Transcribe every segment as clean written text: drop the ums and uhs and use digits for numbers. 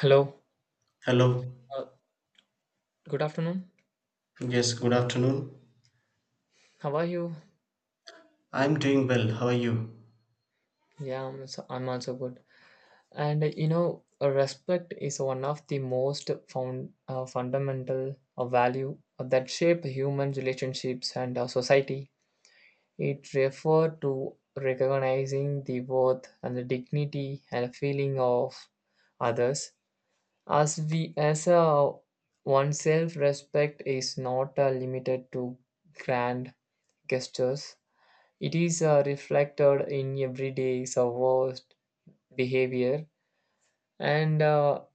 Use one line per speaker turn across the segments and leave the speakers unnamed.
Hello.
Hello.
Uh, Good afternoon.
Yes, good afternoon.
How are you?
I'm doing well. How are you?
Yeah, I'm also good. And respect is one of the most found fundamental value that shape human relationships and our society. It refer to recognizing the worth and the dignity and feeling of others. As we as a oneself, respect is not limited to grand gestures. It is reflected in everyday worst behavior and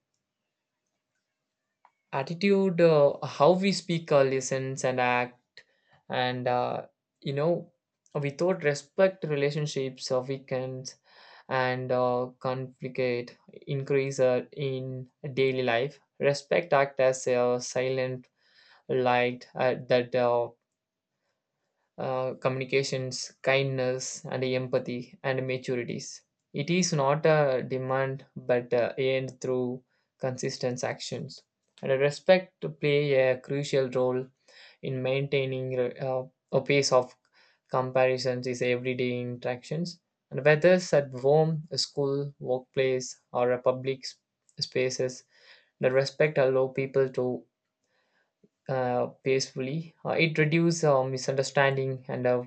attitude, how we speak, listens, and act. And you know, without respect, relationships weakens and conflict increase in daily life. Respect act as a silent light that communications, kindness, and empathy and maturities. It is not a demand but earned through consistent actions. And respect to play a crucial role in maintaining a pace of comparisons is everyday interactions. And whether it's at home, school, workplace, or a public spaces, the respect allow people to peacefully. It reduces misunderstanding and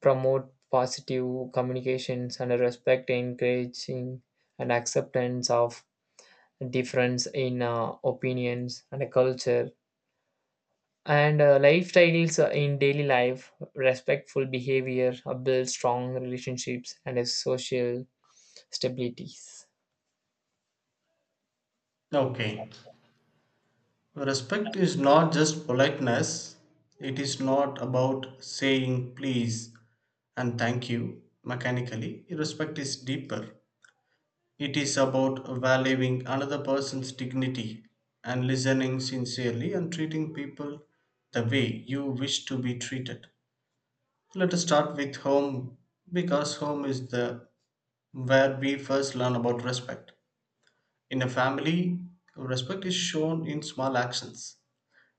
promote positive communications. And respect encouraging and acceptance of difference in opinions and a culture and lifestyles in daily life respectful behavior build strong relationships and a social stabilities.
Okay. Respect is not just politeness, it is not about saying please and thank you mechanically. Respect is deeper. It is about valuing another person's dignity and listening sincerely and treating people the way you wish to be treated. Let us start with home because home is the where we first learn about respect. In a family, respect is shown in small actions.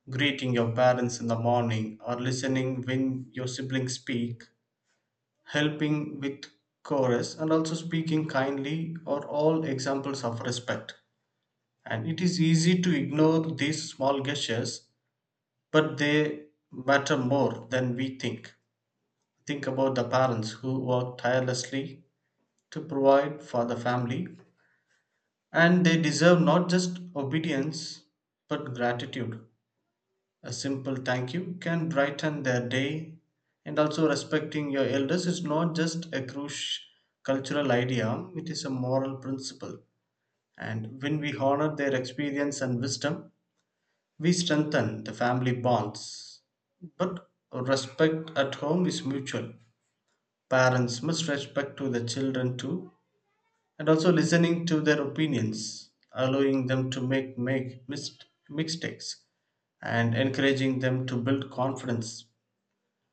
Greeting your parents in the morning or listening when your siblings speak, helping with chores, and also speaking kindly are all examples of respect. And it is easy to ignore these small gestures, but they matter more than we think. Think about the parents who work tirelessly to provide for the family, and they deserve not just obedience but gratitude. A simple thank you can brighten their day. And also, respecting your elders is not just a crush cultural idea, it is a moral principle. And when we honor their experience and wisdom, we strengthen the family bonds. But respect at home is mutual. Parents must respect to the children too, and also listening to their opinions, allowing them to mistakes, and encouraging them to build confidence.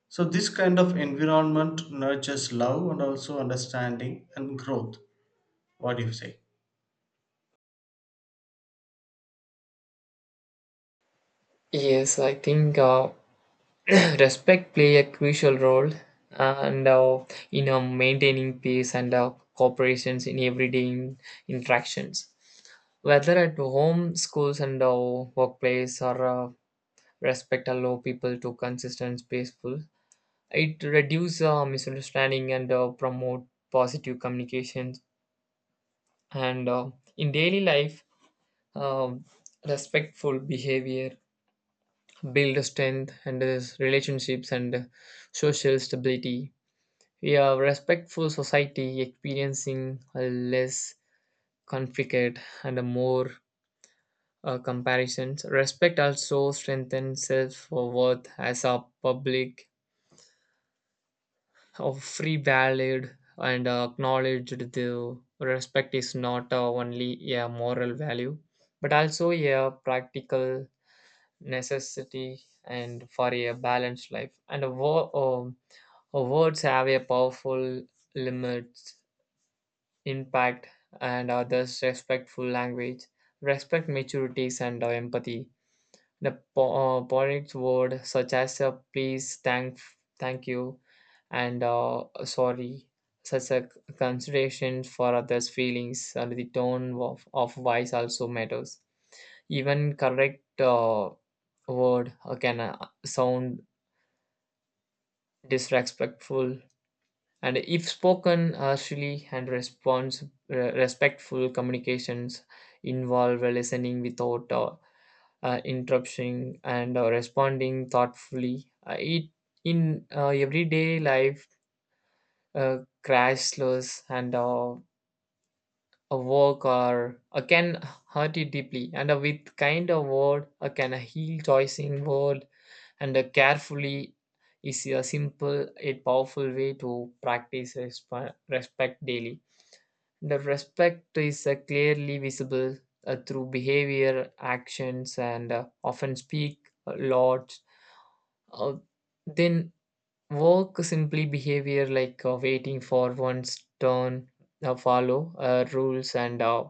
So, this kind of environment nurtures love and also understanding and growth. What do you say?
Yes, I think respect play a crucial role and in maintaining peace and cooperations in everyday interactions whether at home, schools, and workplace, or respect allow people to consistent, peaceful. It reduce misunderstanding and promote positive communications. And in daily life, uh, respectful behavior build strength and relationships and social stability. We have respectful society experiencing a less conflict and a more comparisons. Respect also strengthens self worth as a public of free valued and acknowledged. The respect is not only a moral value but also a practical necessity and for a balanced life. And words have a powerful limits impact and others respectful language respect maturities and empathy. The polite word such as a please, thank you, and sorry, such a consideration for others' feelings and the tone of voice also matters. Even correct word can sound disrespectful, and if spoken harshly and response, respectful communications involve listening without interrupting and responding thoughtfully. It in everyday life, crashless and a work or can hurt you deeply. And with kind of word, can heal choosing word and carefully is a simple yet powerful way to practice respect daily. The respect is clearly visible through behavior, actions, and often speak a lot. Uh, then work simply behavior like waiting for one's turn, follow rules, and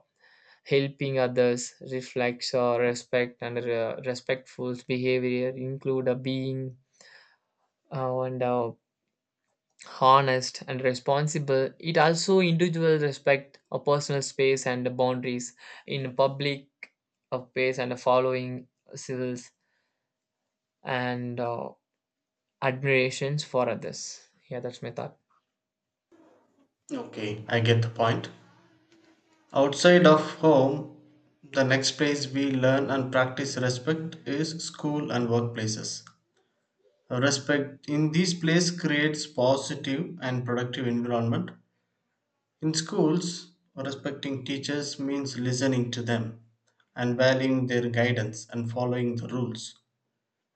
helping others reflects respect. And respectful behavior include being and honest and responsible. It also individual respect a personal space and the boundaries in public space and following civils and admirations for others. Yeah, that's my thought.
Okay. I get the point. Outside of home, the next place we learn and practice respect is school and workplaces. Respect in these places creates positive and productive environment. In schools, respecting teachers means listening to them and valuing their guidance and following the rules.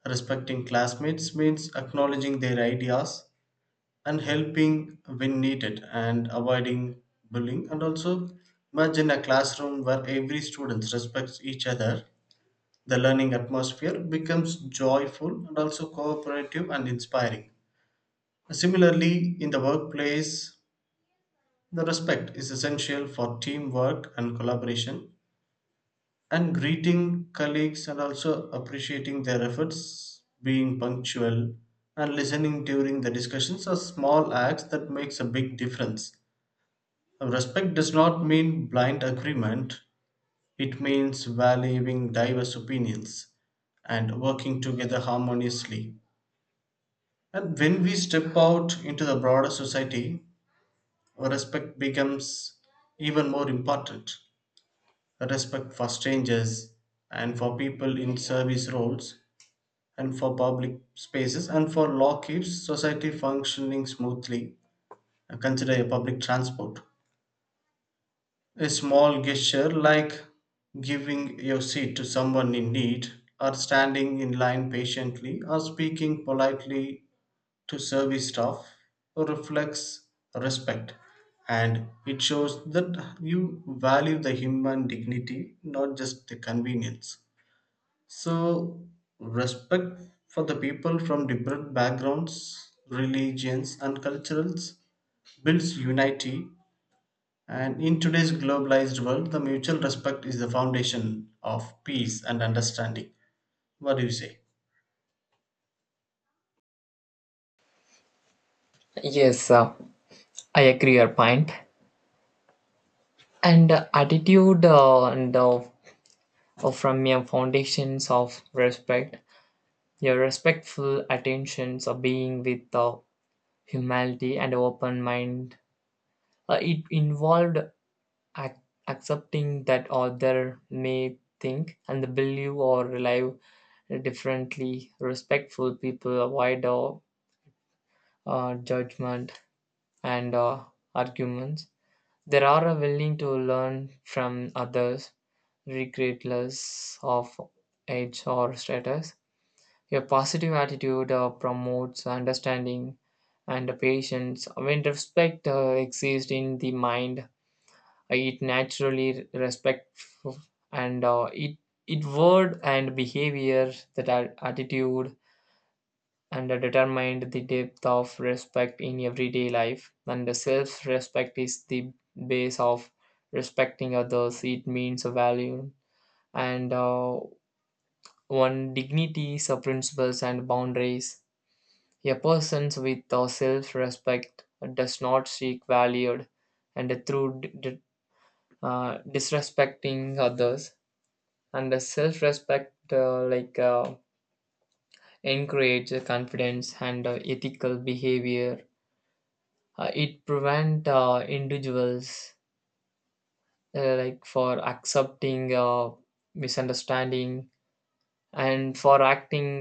Respecting classmates means acknowledging their ideas and helping when needed and avoiding bullying. And also, imagine a classroom where every student respects each other. The learning atmosphere becomes joyful and also cooperative and inspiring. Similarly, in the workplace, the respect is essential for teamwork and collaboration and greeting colleagues and also appreciating their efforts, being punctual and listening during the discussions are small acts that makes a big difference. Respect does not mean blind agreement, it means valuing diverse opinions and working together harmoniously. And when we step out into the broader society, respect becomes even more important. Respect for strangers and for people in service roles and for public spaces and for law keeps society functioning smoothly. Consider a public transport. A small gesture like giving your seat to someone in need, or standing in line patiently, or speaking politely to service staff reflects respect, and it shows that you value the human dignity, not just the convenience. So, respect for the people from different backgrounds, religions, and cultures builds unity. And in today's globalized world, the mutual respect is the foundation of peace and understanding. What do you say?
Yes, I agree your point. And attitude and from your foundations of respect, your respectful attentions of being with humility and open mind. It involved ac- accepting that other may think and believe or live differently. Respectful people avoid judgment and arguments. They are willing to learn from others regardless of age or status. A positive attitude promotes understanding and patience. When respect exists in the mind, it naturally respects and it word and behavior that are attitude and are determined the depth of respect in everyday life. And the self-respect is the base of respecting others. It means a value and one dignity, of principles, and boundaries. A person with self respect does not seek valued and through disrespecting others. And the self respect like encourage confidence and ethical behavior. It prevent individuals like for accepting misunderstanding and for acting.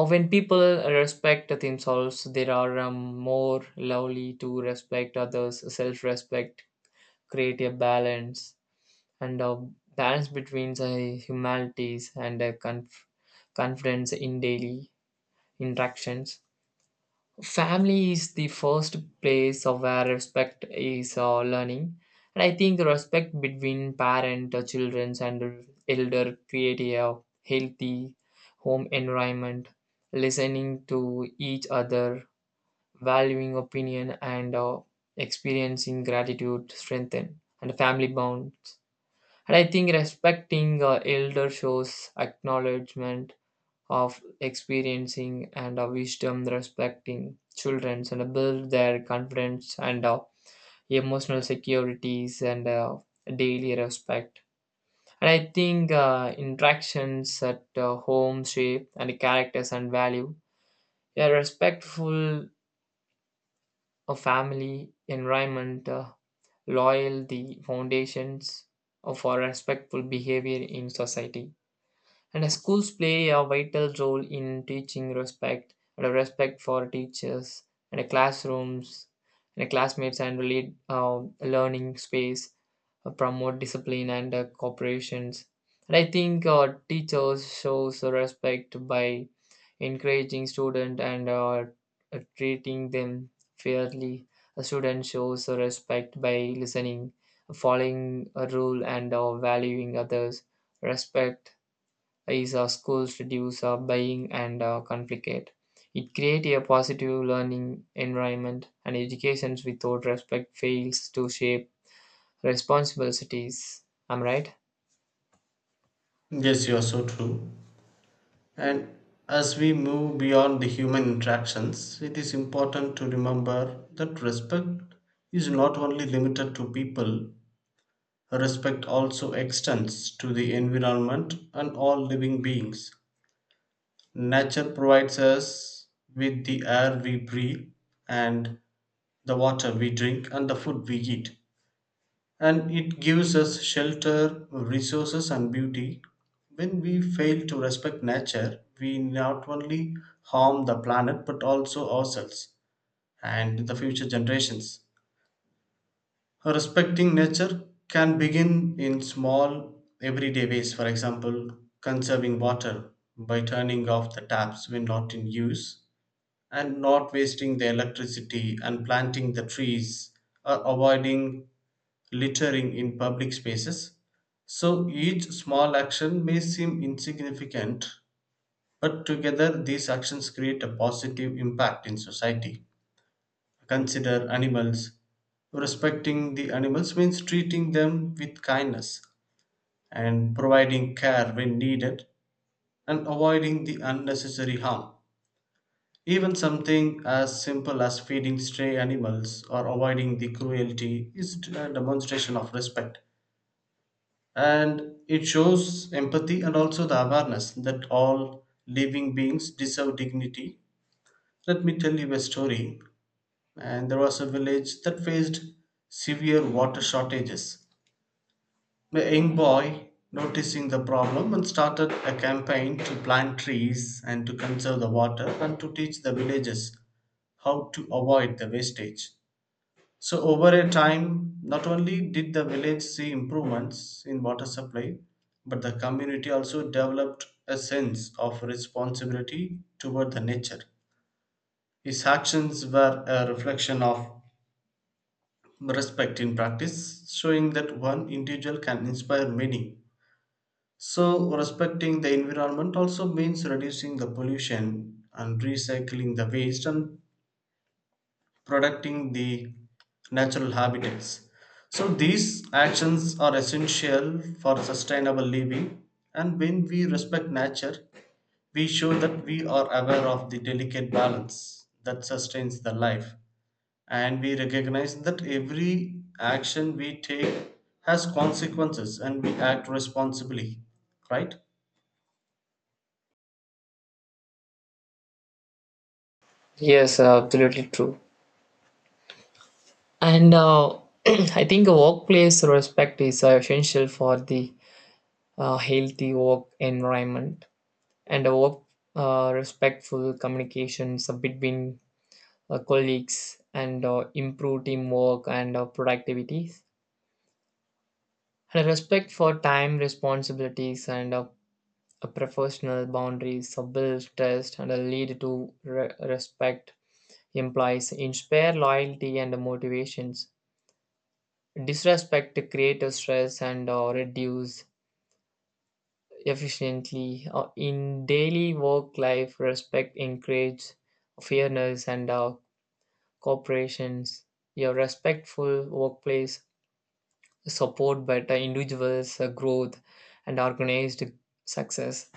Or when people respect themselves, they are more lovely to respect others. Self-respect create a balance and a balance between the humanities and confidence in daily interactions. Family is the first place of where respect is learning. And I think the respect between parent, children, and elder create a healthy home environment, listening to each other, valuing opinion, and experiencing gratitude strengthen and family bonds. And I think respecting elder shows acknowledgement of experiencing and a wisdom respecting children and build their confidence and emotional securities and daily respect. And I think interactions at home shape and characters and value a respectful family environment loyal the foundations of our respectful behavior in society. And schools play a vital role in teaching respect and a respect for teachers and a classrooms and a classmates and really learning space promote discipline and cooperations. And I think teachers shows respect by encouraging student and treating them fairly. A student shows respect by listening, following a rule and valuing others. Respect is schools reduce buying and conflict. It creates a positive learning environment, and educations without respect fails to shape responsible cities. Am I right?
Yes, you are so true. And as we move beyond the human interactions, it is important to remember that respect is not only limited to people. Respect also extends to the environment and all living beings. Nature provides us with the air we breathe, and the water we drink, and the food we eat. And it gives us shelter, resources, and beauty. When we fail to respect nature, we not only harm the planet but also ourselves and the future generations. Respecting nature can begin in small, everyday ways. For example, conserving water by turning off the taps when not in use and not wasting the electricity and planting the trees or avoiding littering in public spaces. So each small action may seem insignificant, but together these actions create a positive impact in society. Consider animals. Respecting the animals means treating them with kindness and providing care when needed and avoiding the unnecessary harm. Even something as simple as feeding stray animals or avoiding the cruelty is a demonstration of respect. And it shows empathy and also the awareness that all living beings deserve dignity. Let me tell you a story. And there was a village that faced severe water shortages. The young boy, noticing the problem, and started a campaign to plant trees and to conserve the water and to teach the villagers how to avoid the wastage. So, over a time, not only did the village see improvements in water supply, but the community also developed a sense of responsibility toward the nature. His actions were a reflection of respect in practice, showing that one individual can inspire many. So, respecting the environment also means reducing the pollution and recycling the waste and protecting the natural habitats. So, these actions are essential for sustainable living, and when we respect nature, we show that we are aware of the delicate balance that sustains the life and we recognize that every action we take has consequences and we act responsibly, right?
Yes, absolutely true. And I think a workplace respect is essential for the healthy work environment and a work respectful communications between colleagues and improve teamwork and productivity. And a respect for time, responsibilities, and a professional boundaries a build trust and a lead to respect implies inspire loyalty and motivations. Disrespect creates stress and reduce efficiently in daily work life. Respect encourages fairness and cooperations. A respectful workplace support better individuals' growth and organized success.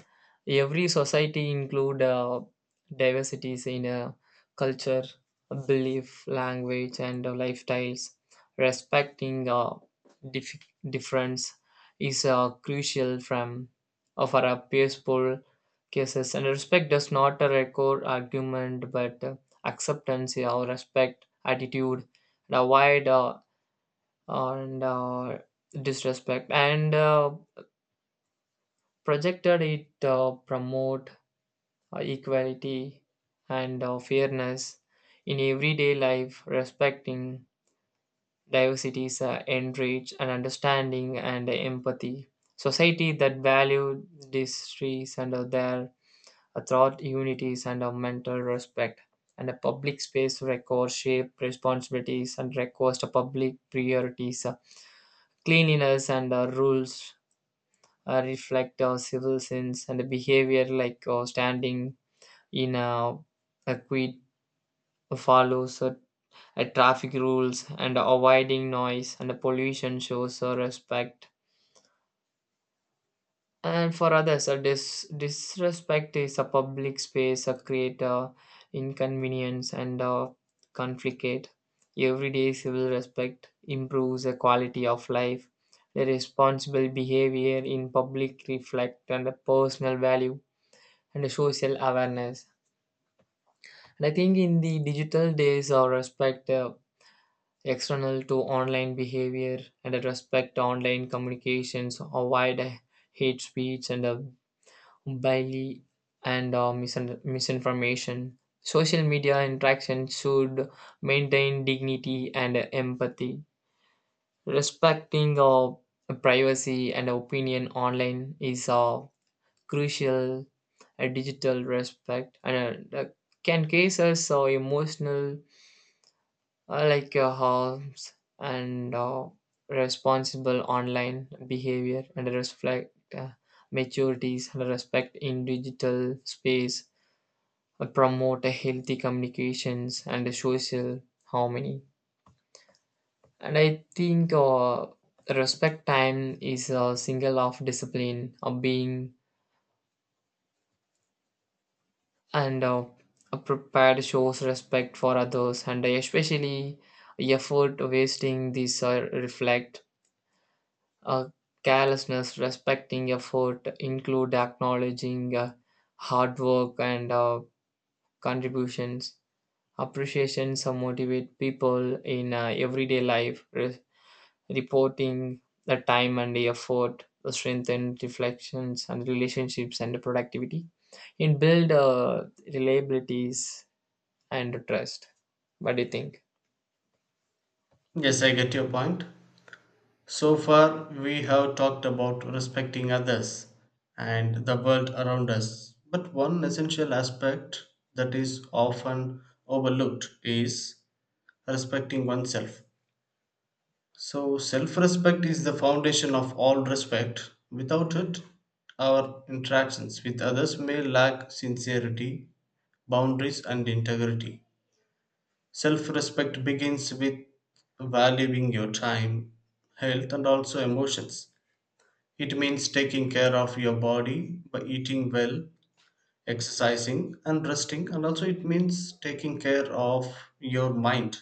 Every society include diversities in culture, belief, language, and lifestyles. Respecting dif- difference is crucial from for a peaceful cases, and respect does not record argument, but acceptance or respect attitude and avoid and disrespect and projected it promote equality and fairness in everyday life respecting diversities enrich and understanding and empathy society that value these trees and their thought unities and mental respect and a public space records shape responsibilities and request a public priorities cleanliness and rules reflect our civil sins and behavior like standing in a queue follows traffic rules and avoiding noise and pollution shows respect and for others a disrespect is a public space a create creator inconvenience and conflict everyday civil respect improves the quality of life the responsible behavior in public reflect and the personal value and social awareness. And I think in the digital days, our respect external to online behavior and a respect to online communications, avoid hate speech and bully and misinformation. Social media interaction should maintain dignity and empathy. Respecting privacy and opinion online is crucial. A digital respect and that can case us emotional like harms and responsible online behavior and reflect maturities and respect in digital space promote a healthy communications and a social harmony. And I think respect time is a single of discipline of being and a prepared shows respect for others and especially effort wasting these reflect uh, carelessness respecting effort include acknowledging hard work and contributions appreciations motivate people in everyday life. Reporting the time and the effort strengthen reflections and relationships and productivity and build reliabilities and trust. What do you think?
Yes, I get your point. So far we have talked about respecting others and the world around us, but one essential aspect that is often overlooked is respecting oneself. So, self respect is the foundation of all respect. Without it, our interactions with others may lack sincerity, boundaries, and integrity. Self respect begins with valuing your time, health, and also emotions. It means taking care of your body by eating well, exercising, and resting, and also it means taking care of your mind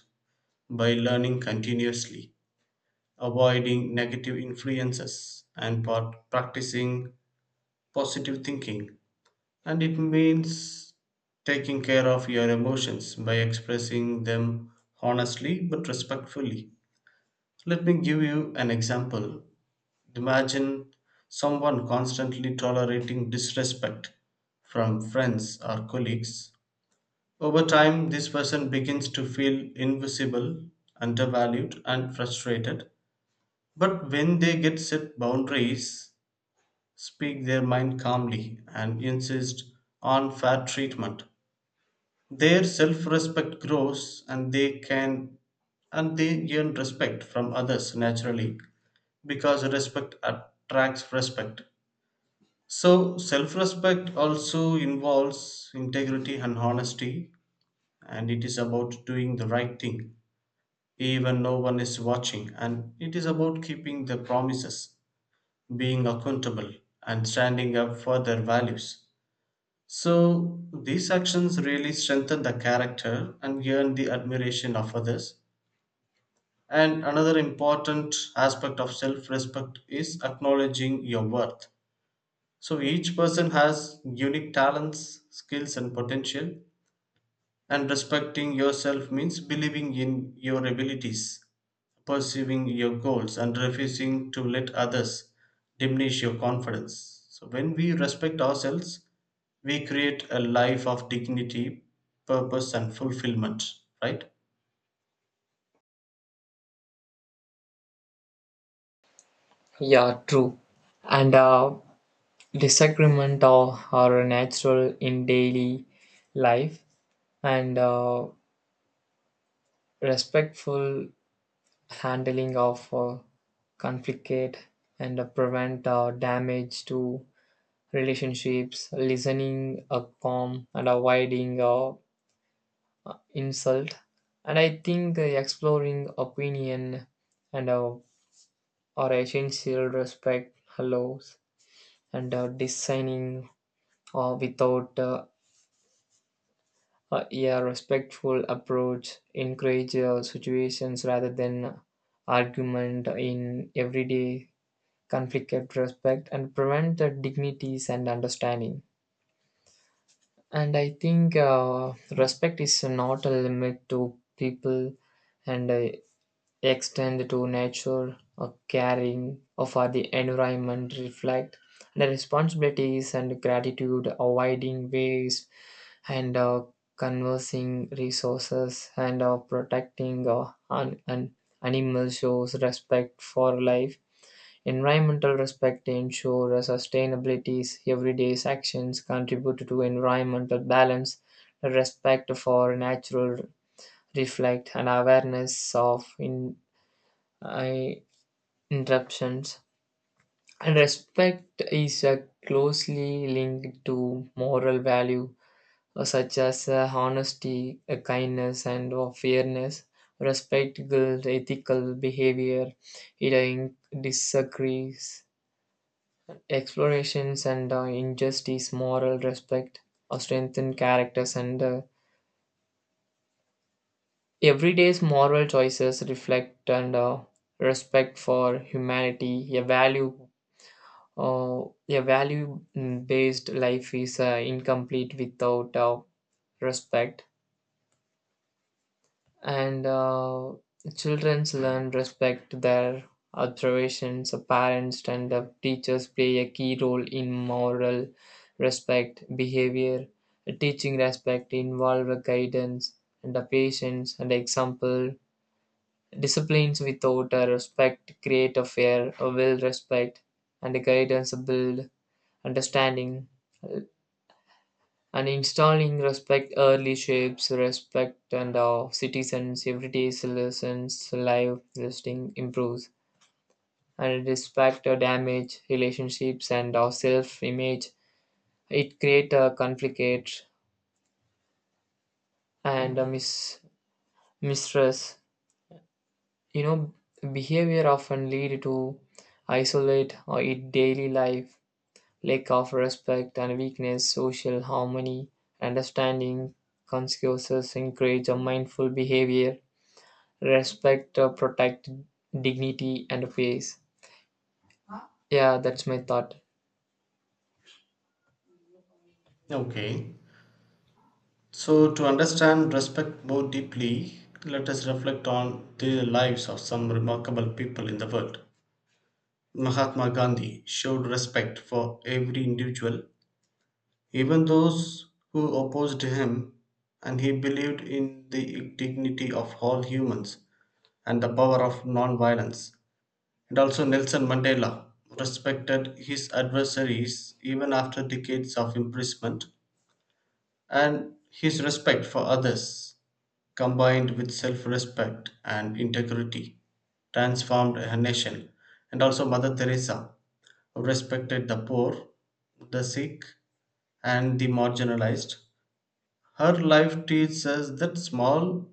by learning continuously, avoiding negative influences and part practicing positive thinking, and it means taking care of your emotions by expressing them honestly but respectfully. Let me give you an example. Imagine someone constantly tolerating disrespect from friends or colleagues. Over time this person begins to feel invisible, undervalued and frustrated. But when they get set boundaries, speak their mind calmly, and insist on fair treatment, their self-respect grows, and they earn respect from others naturally because respect attracts respect. So self-respect also involves integrity and honesty, and it is about doing the right thing even no one is watching, and it is about keeping the promises, being accountable, and standing up for their values. So, these actions really strengthen the character and earn the admiration of others. And another important aspect of self respect is acknowledging your worth. So, each person has unique talents, skills, and potential, and respecting yourself means believing in your abilities, pursuing your goals and refusing to let others diminish your confidence. So, when we respect ourselves, we create a life of dignity, purpose, and fulfillment, right?
Yeah, true. And disagreement are natural in daily life, and respectful handling of conflict and prevent damage to relationships, listening calm and avoiding insult. And I think exploring opinion and or essential respect hello and designing without a respectful approach encourage situations rather than argument in everyday conflict and respect and prevent the dignities and understanding. And I think respect is not a limit to people and extend to nature, a caring for the environment, reflect the responsibilities and gratitude, avoiding waste and conversing resources and protecting an animal shows respect for life. Environmental respect ensure sustainability's everyday actions contribute to environmental balance. The respect for natural reflect an awareness of in I interruptions. And respect is closely linked to moral value such as honesty, kindness, and fairness. Respect builds ethical behavior, it disagrees, explorations, and injustice, moral respect, strengthen characters, and everyday's moral choices reflect and respect for humanity, a value. A value based life is incomplete without respect, and children learn respect their observations. Parents and teachers play a key role in moral respect behavior. Teaching respect involve guidance and a patience and example. Disciplines without a respect create a fear, a will respect, and guidance build understanding and installing respect early shapes respect and of citizens everyday citizens life listing improves and respect or damage relationships and our self image. It create a conflict and a mistress you know behavior often lead to isolate or in daily life lack of respect and weakness social harmony understanding consequences encourage a mindful behavior respect, protect dignity and face. Yeah, that's my thought.
Okay. So, to understand respect more deeply, let us reflect on the lives of some remarkable people in the world. Mahatma Gandhi showed respect for every individual, even those who opposed him, and he believed in the dignity of all humans and the power of non-violence. And also Nelson Mandela respected his adversaries even after decades of imprisonment, and his respect for others, combined with self-respect and integrity, transformed a nation. And also Mother Teresa respected the poor, the sick and the marginalized. Her life teaches us that small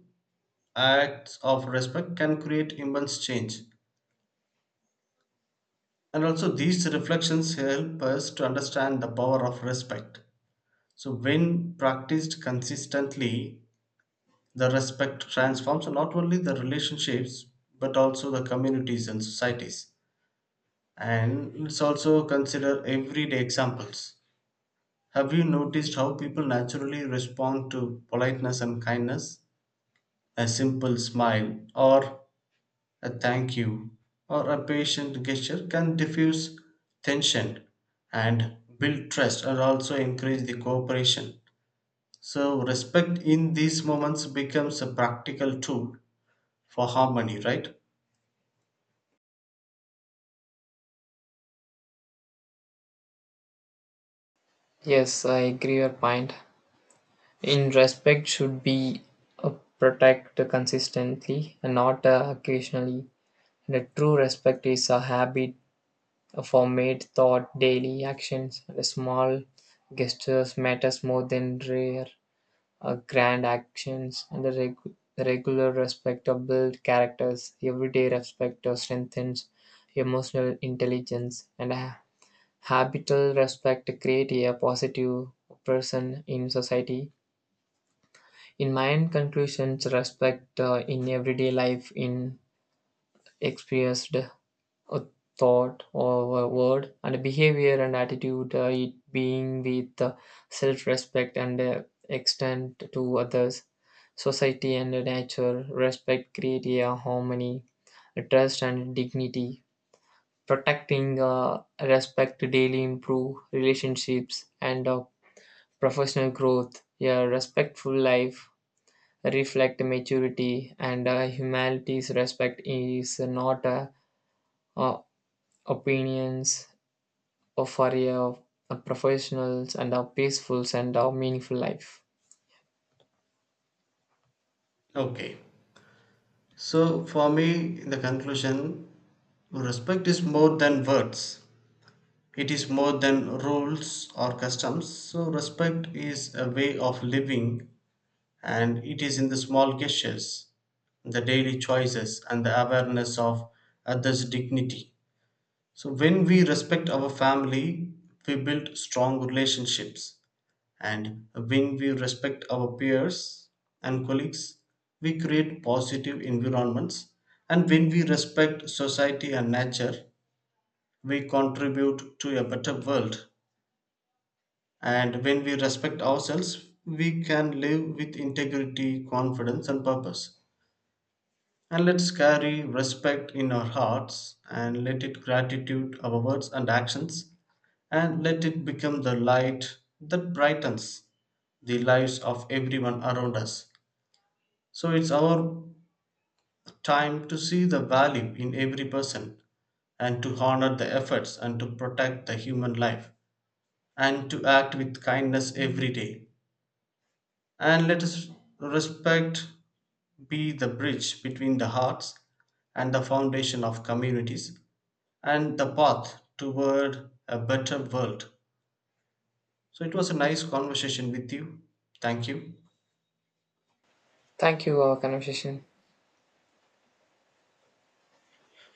acts of respect can create immense change. And also, these reflections help us to understand the power of respect. So, when practiced consistently, the respect transforms not only the relationships but also the communities and societies. And let's also consider everyday examples. Have you noticed how people naturally respond to politeness and kindness? A simple smile or a thank you or a patient gesture can diffuse tension and build trust and also encourage the cooperation. So, respect in these moments becomes a practical tool for harmony, right?
Yes, I agree your point. In respect should be uh, protect consistently and not occasionally. And a true respect is a habit, a formed thought, daily actions, and small gestures matters more than rare grand actions, and the regular respect of build characters. Everyday respect strengthens emotional intelligence, and habitual respect create a positive person in society. In my end conclusions, respect in everyday life in experienced a thought or a word and behavior and attitude, it being with self respect and extend to others, society and nature, respect, create a harmony, trust and dignity. Protecting respect daily improve relationships and professional growth. A respectful life reflect maturity and humanity's respect is not a uh, opinions of our professionals and our peaceful and our meaningful life.
Okay. So, for me, in the conclusion, respect is more than words. It is more than rules or customs. So, respect is a way of living. And it is in the small gestures, the daily choices, and the awareness of others' dignity. So, when we respect our family, we build strong relationships. And when we respect our peers and colleagues, we create positive environments. And when we respect society and nature, we contribute to a better world. And when we respect ourselves, we can live with integrity, confidence, and purpose. And let's carry respect in our hearts and let it gratitude our words and actions and let it become the light that brightens the lives of everyone around us. So it's our time to see the value in every person and to honor the efforts and to protect the human life and to act with kindness every day. And let us respect be the bridge between the hearts and the foundation of communities and the path toward a better world. So it was a nice conversation with you. Thank you.
Thank you, for our conversation.